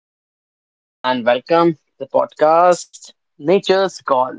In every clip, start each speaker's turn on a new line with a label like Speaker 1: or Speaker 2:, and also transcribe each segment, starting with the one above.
Speaker 1: everyone, and welcome to the podcast Nature's Call.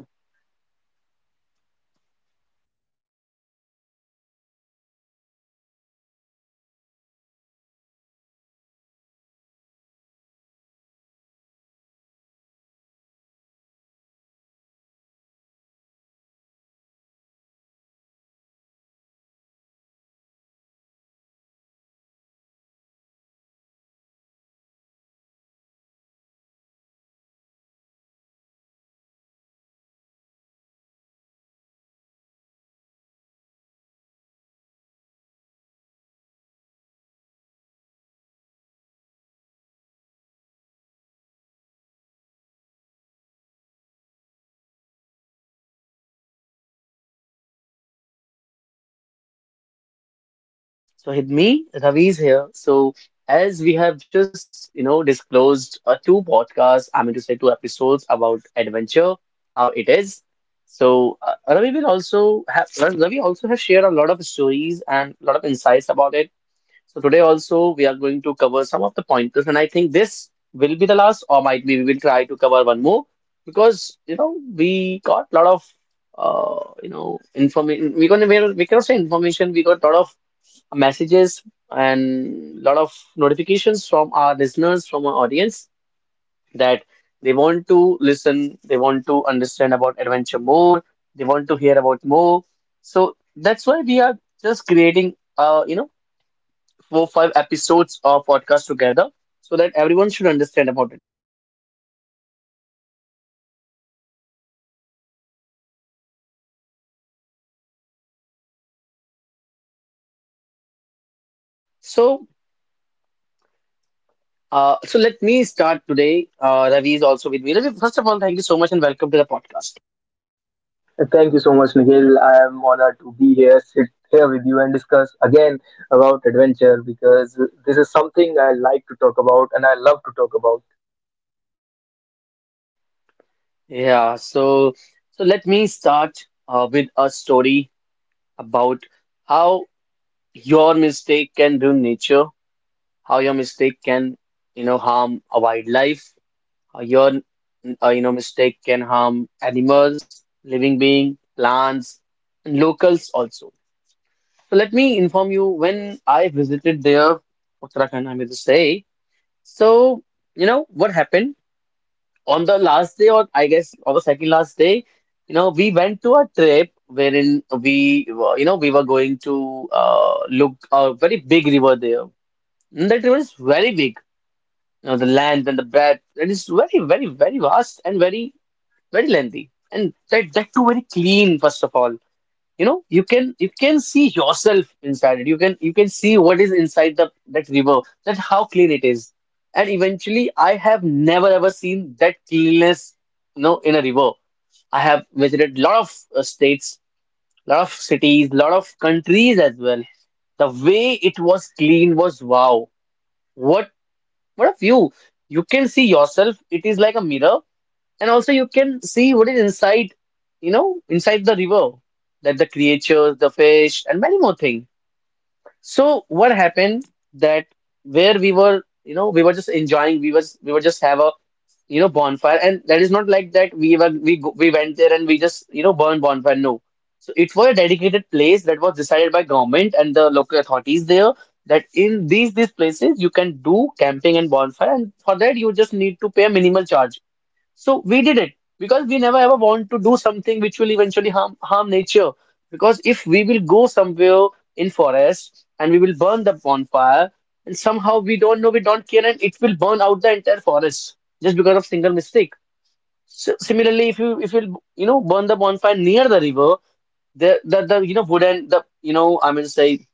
Speaker 1: So, with me, Ravi is here. So, as we have just disclosed two podcasts, I mean to say two episodes about adventure, how it is. So, Ravi also has shared a lot of stories and a lot of insights about it. So today also we are going to cover some of the pointers, and I think this will be the last, or might be we will try to cover one more because you know we got a lot of information. We cannot say information. We got a lot of messages and lot of notifications from our listeners, from our audience that they want to listen, they want to understand about adventure more, they want to hear about more. So that's why we are just creating four five episodes of podcast together so that everyone should understand about it. So so let me start today. Ravi is also with me. Ravi, first of all, thank you so much and welcome to the podcast.
Speaker 2: Thank you so much, Nikhil. I am honored to be here, sit here with you, and discuss again about adventure because this is something I like to talk about and I love to talk about.
Speaker 1: Yeah, so let me start with a story about how your mistake can ruin nature, how your mistake can you know harm a wildlife, how your mistake can harm animals, living being, plants, and locals also. So let me inform you when I visited there, Uttarakhand, I may just say. So, you know, what happened on the last day, or I guess on the second last day, you know, we went to a trip wherein you know, we were going to look a very big river there. And that river is very big, you know, the land and the breadth. It is very, very, very vast and very, very lengthy. And that too very clean, first of all, you know, you can see yourself inside it. You can see what is inside the that river, that how clean it is. And eventually I have never ever seen that cleanness, you know, in a river. I have visited lot of states, lot of cities, lot of countries as well. The way it was clean was wow. what what a view. You can see yourself, it is like a mirror. And also you can see what is inside, you know, inside the river, that the creatures, the fish, and many more things. So what happened, that where we were, you know, we were just enjoying, we were just have a you know bonfire. And that is not like that we went there and we just you know burn bonfire, no. So it was a dedicated place that was decided by government and the local authorities there, that in these places you can do camping and bonfire, and for that you just need to pay a minimal charge. So we did it because we never ever want to do something which will eventually harm nature. Because if we will go somewhere in forest and we will burn the bonfire, and somehow we don't know, we don't care, and it will burn out the entire forest just because of single mistake. So similarly, if you you know burn the bonfire near the river, the you know wooden the you know I mean say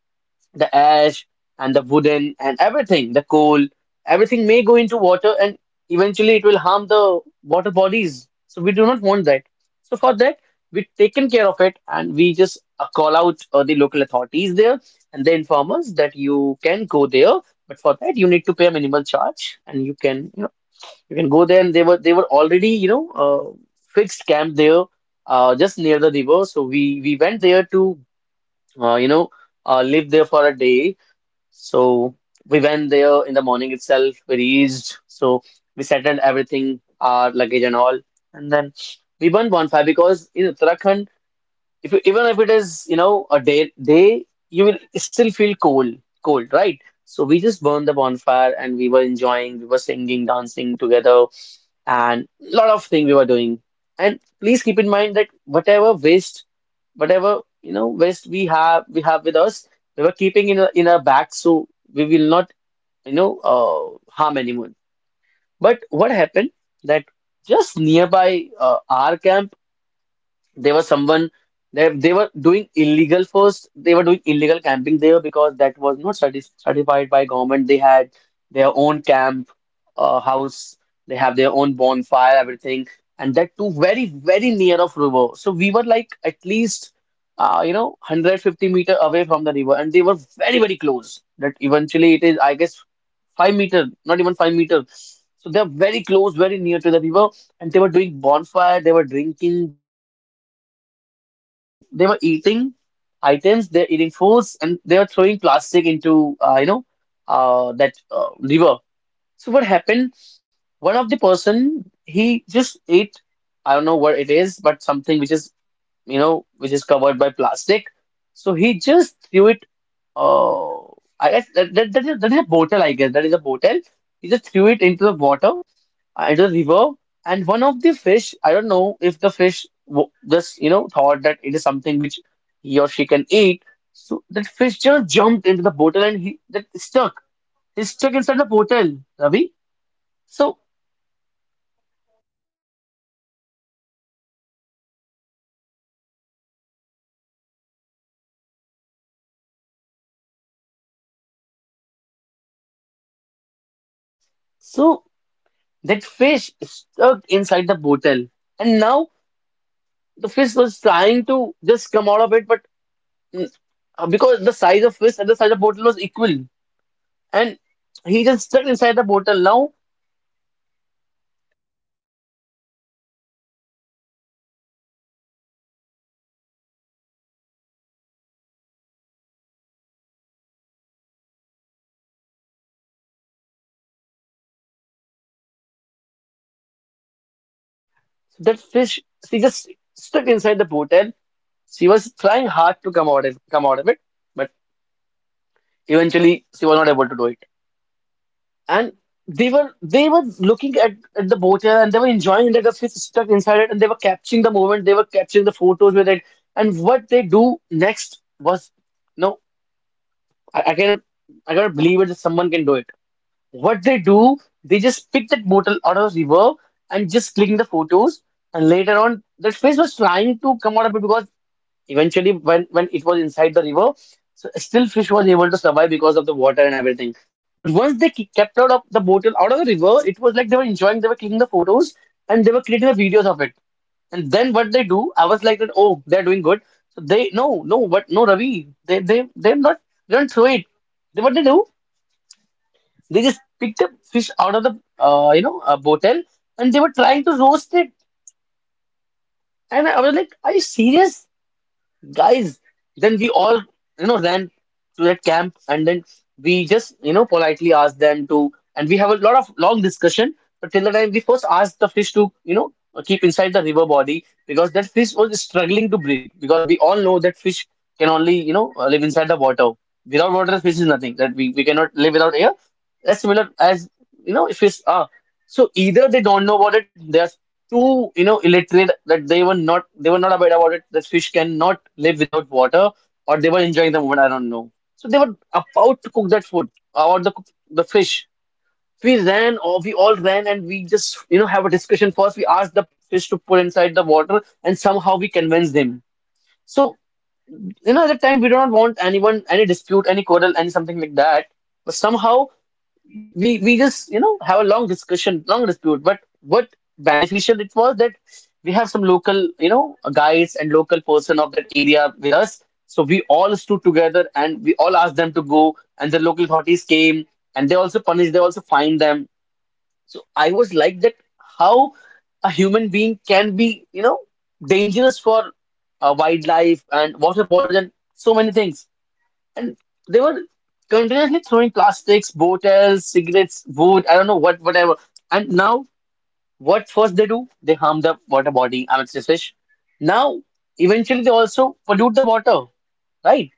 Speaker 1: the ash and the wooden and everything, the coal, everything may go into water, and eventually it will harm the water bodies. So we do not want that. So for that, we've taken care of it and we just call out the local authorities there, and they inform us that you can go there, but for that you need to pay a minimal charge and you can you know you can go there. And they were already you know fixed camp there, just near the river. So we went there to uh, you know live there for a day. So we went there in the morning itself. We reached, so we settled everything, our luggage and all, and then we burnt bonfire because in Uttarakhand, if you, even if it is you know a day, you will still feel cold, right? So we just burned the bonfire and we were enjoying, we were singing, dancing together, and lot of things we were doing. And please keep in mind that whatever waste, whatever you know waste we have with us, we were keeping in in our bags, so we will not you know harm anyone. But what happened, that just nearby our camp they were someone. They were doing illegal first. They were doing illegal camping there because that was not certified by government. They had their own camp, house. They have their own bonfire, everything, and that too very very near of river. So we were like at least 150 m meter away from the river, and they were very very close. That eventually it is I guess 5 m, not even 5 m. So they're very close, very near to the river, and they were doing bonfire. They were drinking. They were you know doing a lot of things, and they were eating items, they're eating foods, and they were throwing plastic into, you know, that river. So what happened? One of the person, he just ate, I don't know what it is, but something which is, you know, which is covered by plastic. So he just threw it. Uh, I guess that is a bottle, I guess. That is a bottle. He just threw it into the water, at the river. And one of the fish, I don't know if the fish w just, you know, thought that it is something which he or she can eat. So that fish just jumped into the bottle and he that stuck. He's stuck inside the bottle, Ravi. So so that fish stuck inside the bottle, and now the fish was trying to just come out of it, but mm, because the size of fish and the size of bottle was equal, and he just stuck inside the bottle. Now that fish, she just stuck inside the bottle. She was trying hard to come out of it, but eventually she was not able to do it. And they were looking at the boat here and they were enjoying that. The fish stuck inside it, and they were capturing the moment. They were capturing the photos with it. And what they do next was no, I, I cannot I cannot believe it that someone can do it. What they do, they just pick that bottle out of the river and just click in the photos. And later on, that fish was trying to come out of it because eventually, when it was inside the river, so still fish was able to survive because of the water and everything. But once they kept out of the bottle out of the river, it was like they were enjoying, they were clicking the photos, and they were creating the videos of it. And then what they do, I was like that, oh, they're doing good. So they no, no, but no, Ravi, they're not, they don't throw it. They what they do? They just picked up fish out of the a hotel and they were trying to roast it. And I was like, "Are you serious? Guys, then we all you know ran to that camp, and then we just you know politely asked them to, and we have a lot of long discussion. But till the time we first asked the fish to you know keep inside the river body, because that fish was struggling to breathe. Because we all know that fish can only you know live inside the water. Without water the fish is nothing. That we cannot live without air, that's similar as you know fish are. So either they don't know about it, they are too you know illiterate that they were not aware about it, that fish cannot live without water, or they were enjoying the moment, I don't know. So they were about to cook that food, or the fish. We all ran and we just you know have a discussion. First we asked the fish to put inside the water and somehow we convinced him. So you know at the time we do not want anyone, any dispute, any quarrel, any something like that. But somehow we just you know have a long discussion, long dispute. But what beneficial it was that we have some local guides and local person of that area with us. So we all stood together and we all asked them to go, and the local authorities came and they also punished, they also fined them. So I was like that how a human being can be dangerous for wildlife and water borders and so many things, and they were continuously throwing plastics, bottles, cigarettes, wood, I don't know what, whatever. And now, what first they do? They harm the water body, I mean, sea fish. Now, eventually, they also pollute the water, right?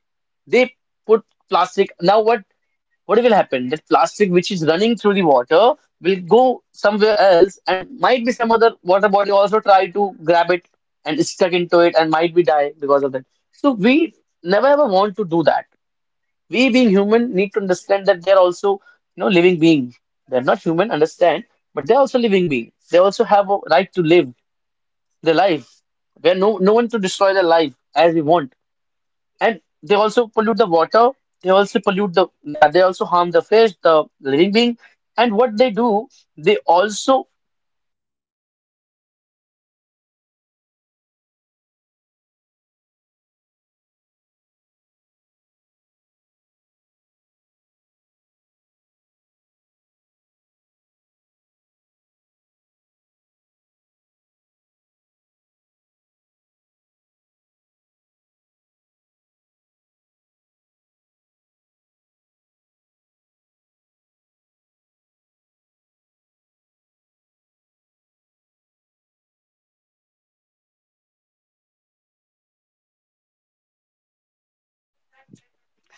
Speaker 1: They put plastic. Now, what will happen? That plastic which is running through the water will go somewhere else, and might be some other water body also try to grab it and is stuck into it, and might be die because of that. So we never ever want to do that. We being human need to understand that they're also living being. They're not human, understand, but they're also living being, they also have a right to live their life. We're no one to destroy their life as we want. And they also pollute the water, they also pollute the they also harm the fish, the living being. And what they do, they also,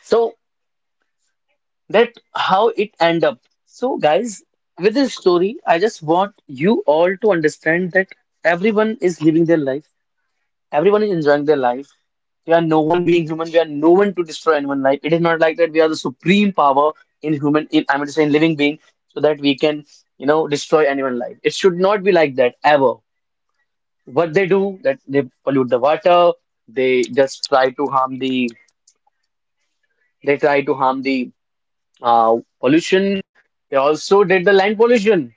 Speaker 1: so that, how it end up. So guys, with this story I just want you all to understand that everyone is living their life. Everyone is enjoying their life. We are no one being human. We are no one to destroy anyone's life. It is not like that. We are the supreme power in human, in I mean to say in living being, so that we can, destroy anyone's life. It should not be like that ever. What they do, that they pollute the water. They just try to harm the. They try to harm the pollution. They also did the land pollution.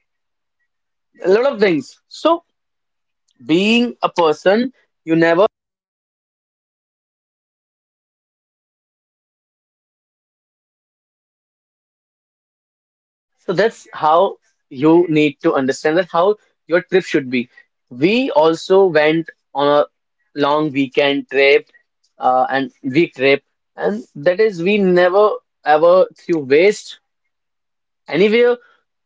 Speaker 1: A lot of things. So being a person, you never. So that's how you need to understand that how your trip should be. We also went on a long weekend trip and week trip, and that is we never ever threw waste. Anywhere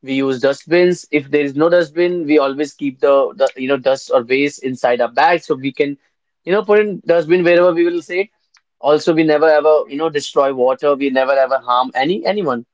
Speaker 1: we use dustbins. If there is no dustbin, we always keep the, dust or waste inside our bag so we can put in dustbin wherever we will say. Also, we never ever destroy water. We never ever harm anyone.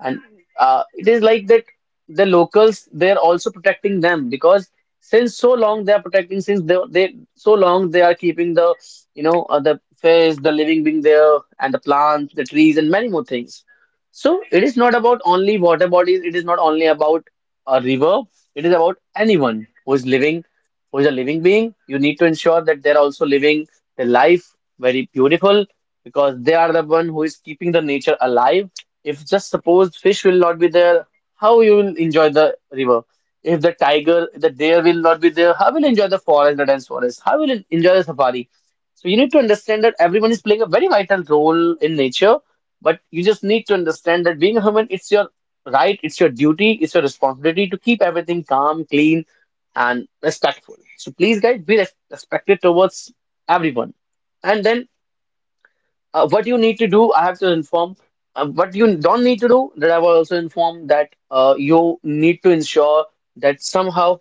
Speaker 1: And it is like that, the locals, they're also protecting them because since so long they are protecting, since they so long they are keeping the the fish, the living being there, and the plants, the trees, and many more things. So it is not about only water bodies, it is not only about a river, it is about anyone who is living, who is a living being. You need to ensure that they're also living their life very beautiful because they are the one who is keeping the nature alive. If just suppose fish will not be there, how you will enjoy the river? If the tiger, the deer will not be there, how will you enjoy the forest, the dense forest? How will you enjoy the safari? So you need to understand that everyone is playing a very vital role in nature, but you just need to understand that being a human, it's your right, it's your duty, it's your responsibility to keep everything calm, clean, and respectful. So please, guys, be respected towards everyone. And then, what you need to do, I have to inform. What you don't need to do, that I will also inform, that you need to ensure that somehow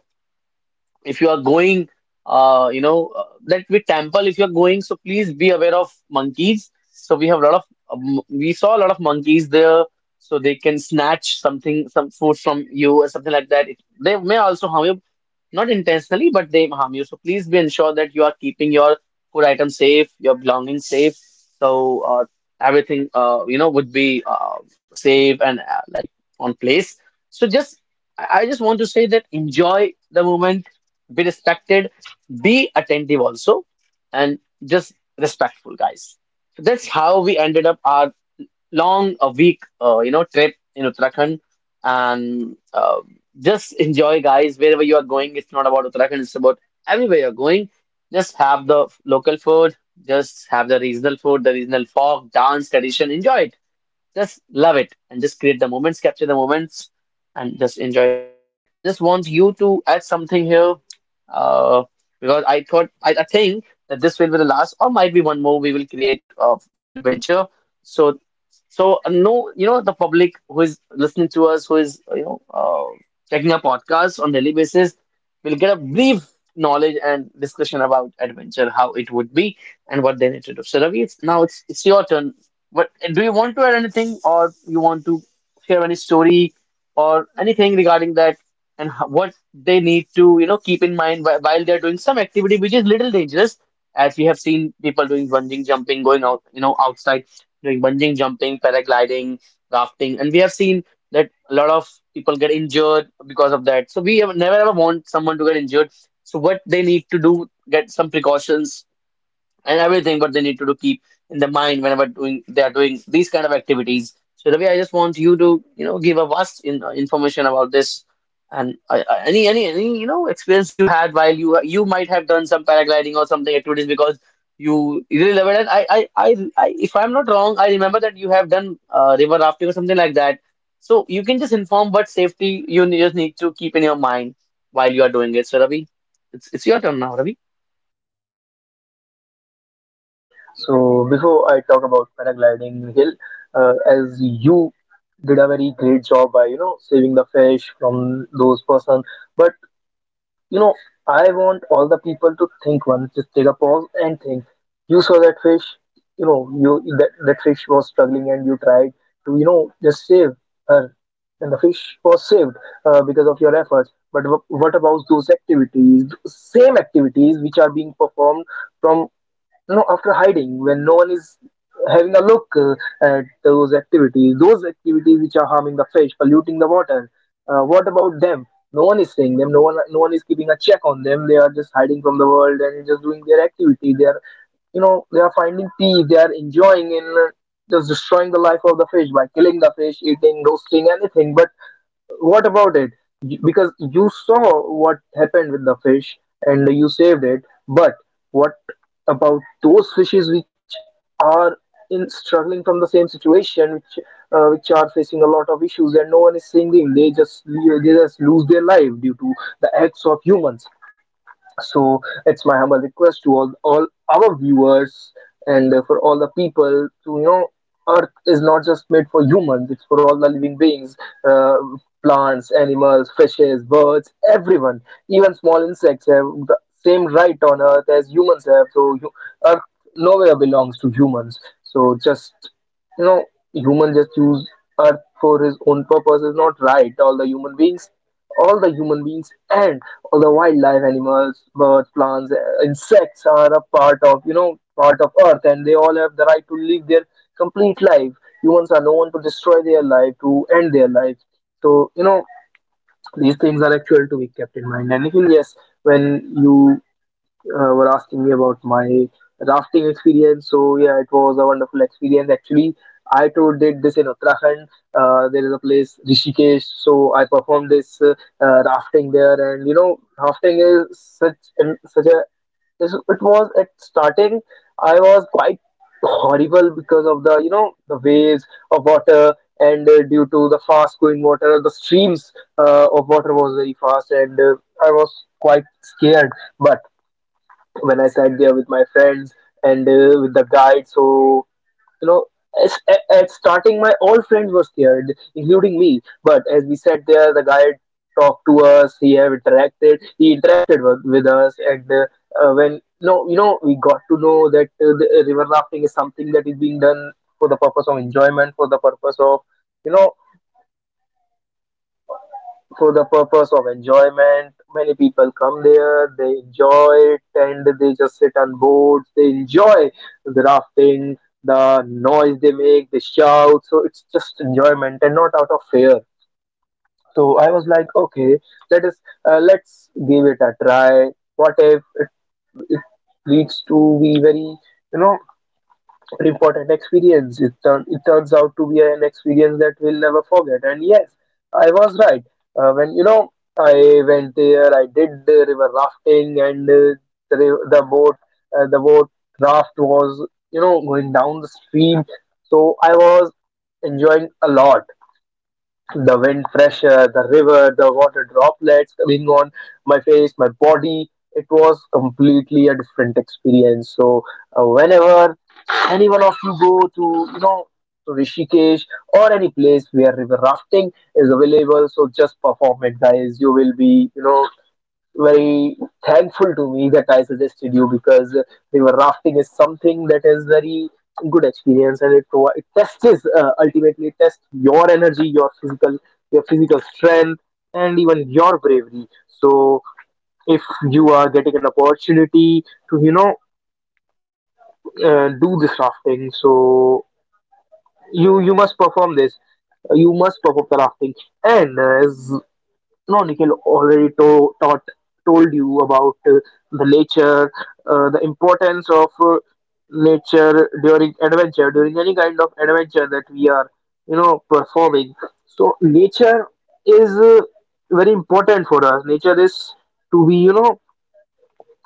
Speaker 1: if you are going like with temple if you're going, so please be aware of monkeys. So we have a lot of we saw a lot of monkeys there. So they can snatch something, some food from you or something like that. It, they may also harm you, not intentionally, but they harm you. So please be ensure that you are keeping your food items safe, your belongings safe, so everything would be safe and like on place. So just I just want to say that enjoy the moment, be respected, be attentive also, and just respectful, guys. So that's how we ended up our long a week, trip in Uttarakhand, and just enjoy, guys. Wherever you are going, it's not about Uttarakhand; it's about everywhere you're going. Just have the local food, just have the regional food, the regional folk, dance, tradition. Enjoy it, just love it and just create the moments, capture the moments, and just enjoy it. So, Ravi, I just want you to add something here uh, because I thought, I think that this will be the last, or might be one more we will create for adventure. So, no, the public who is listening to us, who is, checking our podcast on daily basis, will get a brief knowledge and discussion about adventure, how it would be and what they need to do. So Ravi, it's, now it's your turn, but do you want to add anything, or you want to share any story or anything regarding that, and what they need to, keep in mind while they're doing some activity which is little dangerous, as we have seen people doing bungee jumping, going out, outside doing bungee jumping, paragliding, rafting, and we have seen that a lot of people get injured because of that. So we have never ever want someone to get injured. So what they need to do, get some precautions and everything, but they need to do keep in the mind whenever doing they are doing these kind of activities. So Ravi, I just want you to give a vast in, information about this, and any experience you had while you might have done some paragliding or something activities, because you really love it, and I if I'm not wrong, I remember that you have done river rafting or something like that. So you can just inform what safety you just need to keep in your mind while you are doing it. So Ravi, it's your turn now, Ravi.
Speaker 2: So, before I talk about paragliding, Nikhil, as you did a very great job by saving the fish from those person, but you know, I want all the people to think once, just take a pause and think. You saw that fish, you know, you that fish was struggling and you tried to, you know, just save her. And the fish was saved because of your efforts. But what about those activities, same activities which are being performed from no after hiding when no one is having a look at those activities, those activities which are harming the fish, polluting the water, what about them? No one is seeing them. No one is keeping a check on them. They are just hiding from the world and just doing their activity. They are, you know, they are finding peace, they are enjoying in, just destroying the life of the fish by killing the fish, eating, roasting, anything. But what about it? Because you saw what happened with the fish and you saved it, but what about those fishes which are in struggling from the same situation, which are facing a lot of issues and no one is seeing them? They just lose their life due to the acts of humans. So it's my humble request to all our viewers and, for all the people, to you know, Earth is not just made for humans; it's for all the living beings, uh, plants, animals, fishes, birds, everyone. Even small insects have the same right on Earth as humans have. So Earth nowhere belongs to humans. So just, you know, human just use Earth for his own purpose is not right. All the human beings and the wildlife, animals, birds, plants, insects are a part of, you know, part of Earth, and they all have the right to live their complete life. Humans are known to destroy their life, to end their life. So you know, these things are actual to be kept in mind. And even yes, when you, were asking me about my rafting experience. So yeah, it was a wonderful experience. Actually, I too did this in Uttarakhand. There is a place Rishikesh, so I performed this, rafting there, and you know, rafting is such an, it was at starting. I was quite horrible because of the, you know, the waves of water, and due to the fast going water, the streams of water was very fast, and I was quite scared. But when I sat there with my friends and, with the guide. So you know, as, at starting, my all friends were scared, including me. But as we sat there, the guide talked to us. He have interacted. He interacted with us, and, when no, you know, we got to know that, the river rafting is something that is being done for the purpose of enjoyment, for the purpose of, you know, for the purpose of enjoyment. Many people come there, they enjoy it, and they just sit on boats, they enjoy the rafting, the noise they make, they shout. So it's just enjoyment and not out of fear. So I was like, okay, let us, let's give it a try. What if it leads to be very, you know, important experience. It turns out to be an experience that we'll never forget. And yes, I was right. When you know, I went there, I did the river rafting, and, the boat, uh, the boat raft was, you know, going down the stream. So I was enjoying a lot. The wind pressure, the river, the water droplets coming on my face, my body. It was completely a different experience. So, whenever any one of you go to, you know, to Rishikesh or any place where river rafting is available. So just perform it, guys. You will be, you know, very thankful to me that I suggested you, because river rafting is something that is very good experience, and it tests, ultimately it tests your energy, your physical strength, and even your bravery. So if you are getting an opportunity to, you know, do this rafting, so you must perform this. You must perform rafting. And, as no Nikhil already to- taught told you about, the nature, the importance of, nature during adventure, during any kind of adventure that we are, you know, performing. So nature is, very important for us. Nature is to be, you know,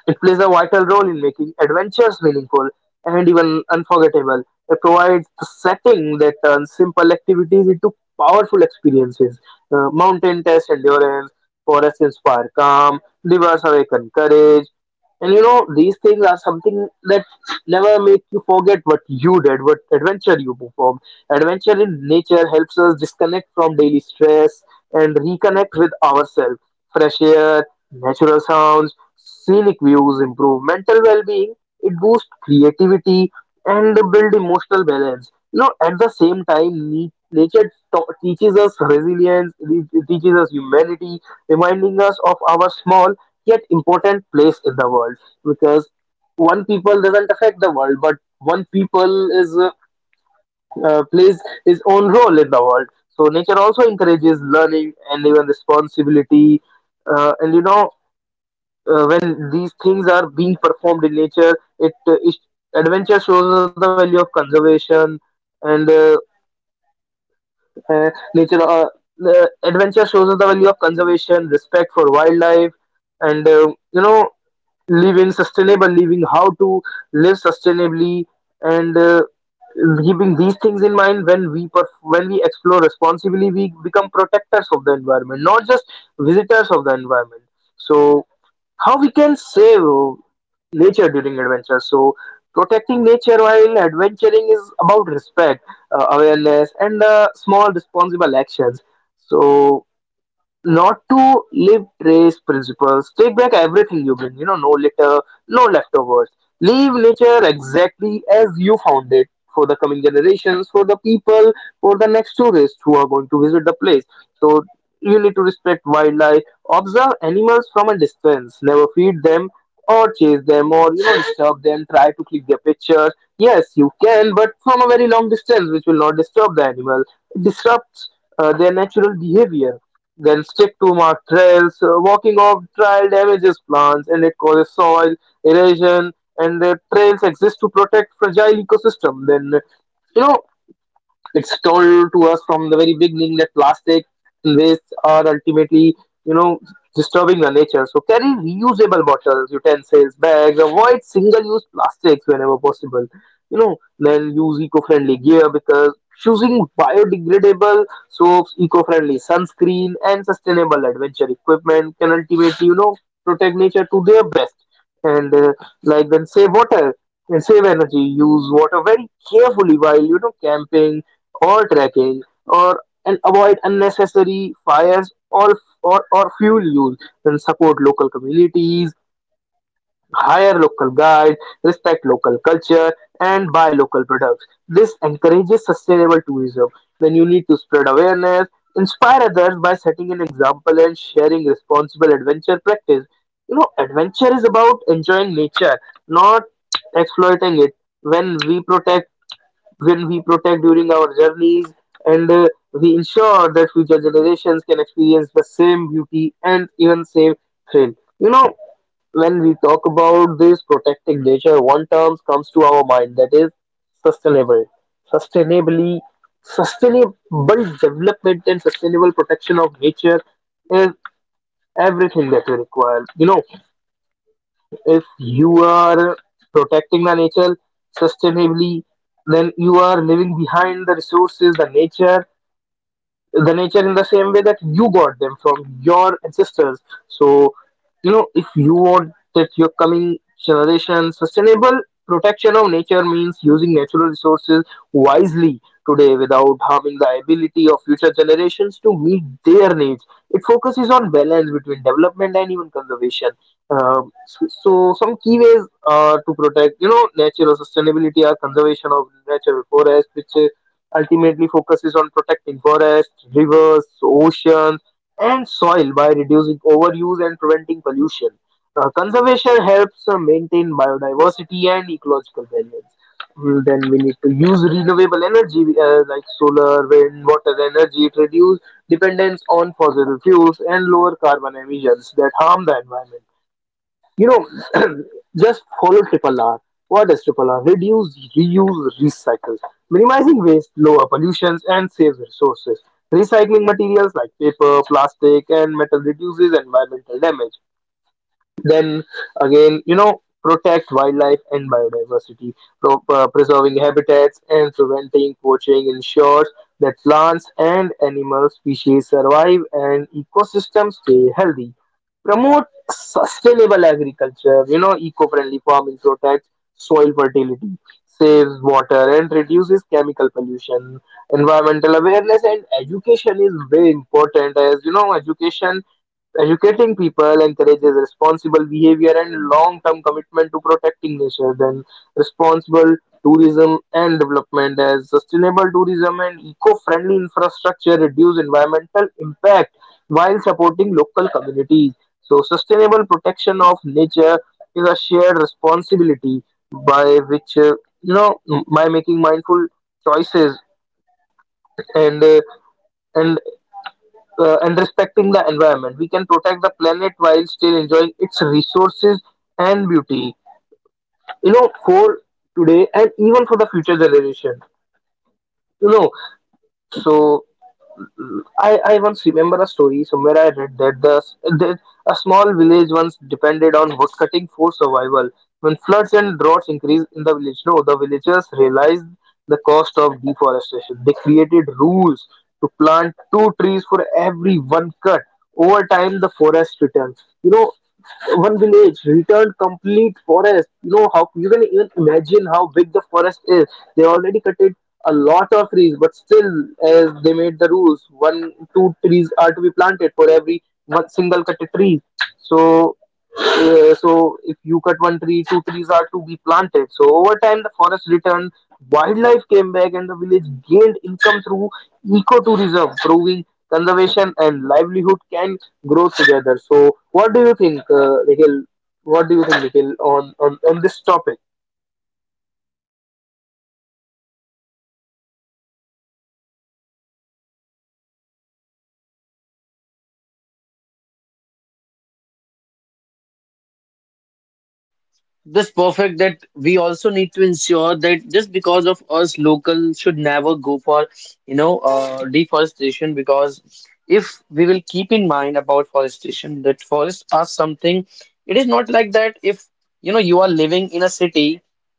Speaker 2: it plays a vital role in making adventures meaningful and even unforgettable. It provides the setting that turns simple activities into powerful experiences. Mountain tests endurance, forests inspire calm, rivers awaken courage. And you know, these things are something that never make you forget what you did, what adventure you performed. Adventure in nature helps us disconnect from daily stress and reconnect with ourselves. Fresh air, natural sounds, scenic views improve mental well-being, it boosts creativity, and build emotional balance. You know, at the same time, nature teaches us resilience, it teaches us humanity, reminding us of our small yet important place in the world. Because one people doesn't affect the world, but one people is, plays his own role in the world. So nature also encourages learning and even responsibility, and you know, when these things are being performed in nature, it, it adventure shows us the value of conservation and, nature. The adventure shows us the value of conservation, respect for wildlife, and, you know, living sustainable living, how to live sustainably, and, keeping these things in mind when we when we explore responsibly, we become protectors of the environment, not just visitors of the environment. So how we can save nature during adventure. So protecting nature while adventuring is about respect, awareness, and, small responsible actions. So not to live trace principles. Take back everything you bring, you know, no litter, no leftovers. Leave nature exactly as you found it for the coming generations, for the people, for the next tourists who are going to visit the place. So you need to respect wildlife, observe animals from a distance, never feed them or chase them or, you know, disturb them, try to click their pictures. Yes, you can, but from a very long distance, which will not disturb the animal. It disrupts, their natural behavior. Then stick to marked trails. Walking off trail damages plants and it causes soil erosion. And the trails exist to protect fragile ecosystem. Then you know, it's told to us from the very beginning that plastic and waste are ultimately, you know, disturbing the nature. So carry reusable bottles, utensils, bags. Avoid single-use plastics whenever possible. You know, then use eco-friendly gear, because choosing biodegradable soaps, eco-friendly sunscreen, and sustainable adventure equipment can ultimately, you know, protect nature to their best. And, like then save water and save energy. Use water very carefully while, you know, camping, or tracking, or and avoid unnecessary fires or fuel use, and support local communities, hire local guides, respect local culture, and buy local products. This encourages sustainable tourism. Then you need to spread awareness, inspire others by setting an example and sharing responsible adventure practice. You know, adventure is about enjoying nature, not exploiting it. When we protect will we protect during our journeys, and, we ensure that future generations can experience the same beauty and even same thrill. You know, when we talk about this protecting nature, one term comes to our mind, that is sustainable. Sustainably, sustainable development and sustainable protection of nature is everything that we require. You know, if you are protecting the nature sustainably, then you are leaving behind the resources, the nature, in the same way that you got them from your ancestors. So, you know, if you want that your coming generation, sustainable protection of nature means using natural resources wisely today without harming the ability of future generations to meet their needs. It focuses on balance between development and even conservation. So some key ways, to protect, you know, nature or sustainability, are conservation of natural forests, which ultimately focuses on protecting forests, rivers, oceans, and soil by reducing overuse and preventing pollution. Conservation helps, maintain biodiversity and ecological balance. Then we need to use renewable energy, like solar, wind, water energy to reduce dependence on fossil fuels and lower carbon emissions that harm the environment. You know, just follow triple R. What is triple R? Reduce, reuse, recycle. Minimizing waste, lower pollutions, and saves resources. Recycling materials like paper, plastic, and metal reduces environmental damage. Then again, you know, protect wildlife and biodiversity, preserving habitats and preventing poaching ensures that plants and animal species survive and ecosystems stay healthy. Promote sustainable agriculture, you know, eco friendly farming protects soil fertility, saves water, and reduces chemical pollution. Environmental awareness and education is very important, as you know, education educating people encourages responsible behavior and long-term commitment to protecting nature. Then responsible tourism and development, as sustainable tourism and eco-friendly infrastructure reduce environmental impact while supporting local communities. So sustainable protection of nature is a shared responsibility by which, you know, by making mindful choices, and uh, and respecting the environment. We can protect the planet while still enjoying its resources and beauty. You know, for today and even for the future generation. You know, so I once remember a story somewhere I read that the that a small village once depended on woodcutting for survival. When floods and droughts increased in the village, no, the villagers realized the cost of deforestation. They created rules to plant two trees for every one cut. Over time, the forest returns. You know, one village returned complete forest. You know how you can even imagine how big the forest is. They already cut it a lot of trees, but still, as they made the rules, one two trees are to be planted for every one single cut tree. So, so if you cut one tree, two trees are to be planted. So over time, the forest returned, wildlife came back, and the village gained income through ecotourism, proving conservation and livelihood can grow together. So, what do you think, Nikhil? What do you think, Nikhil, on, on this topic?
Speaker 1: This perfect that we also need to ensure that just because of us local should never go for deforestation, because if we will keep in mind about forestation that forests are something, it is not like that if you are living in a city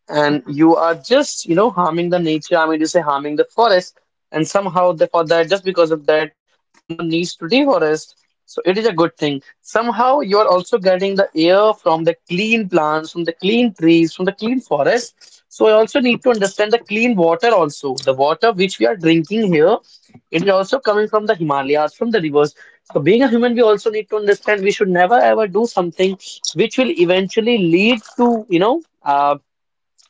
Speaker 1: and you are just harming the nature, I mean to say harming the forest, and somehow for that just because of that someone needs to deforest, so it is a good thing. Somehow you are also getting the air from the clean plants, from the clean trees, from the clean forest. So you also need to understand the clean water also. The water which we are drinking here, it is also coming from the Himalayas, from the rivers. So being a human, we also need to understand we should never ever do something which will eventually lead to,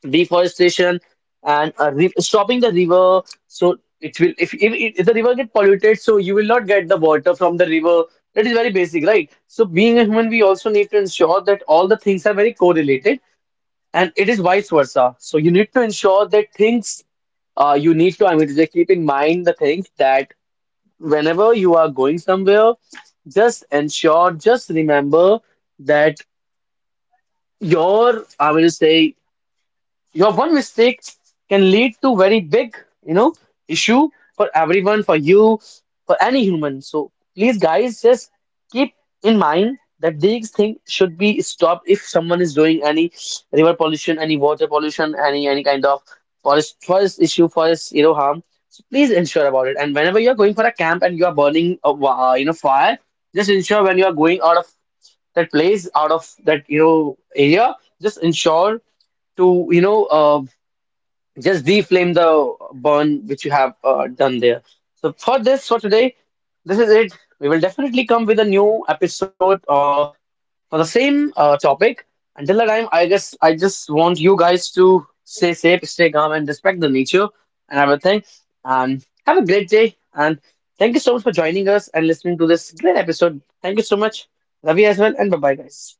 Speaker 1: deforestation and re stopping the river. So it will, if, if the river get polluted, so you will not get the water from the river. That is very basic, right? So being a human, we also need to ensure that all the things are very correlated, and it is vice versa. So you need to ensure that things, you need to, I mean to just keep in mind the things that whenever you are going somewhere, just ensure, just remember that your, I will say, your one mistake can lead to very big, you know, issue for everyone, for you, for any human. So please, guys, just keep in mind that these things should be stopped if someone is doing any river pollution, any water pollution, any kind of forest issue, forest harm. So please ensure about it. And whenever you are going for a camp and you are burning a fire, just ensure when you are going out of that place, out of that area, just ensure to just deflame the burn which you have done there. So for this for today, this is it. We will definitely come with a new episode for the same topic. Until the time, I guess I just want you guys to stay safe, stay calm, and respect the nature and everything. And have a great day. And thank you so much for joining us and listening to this great episode. Thank you so much. Love you as well, and bye bye, guys.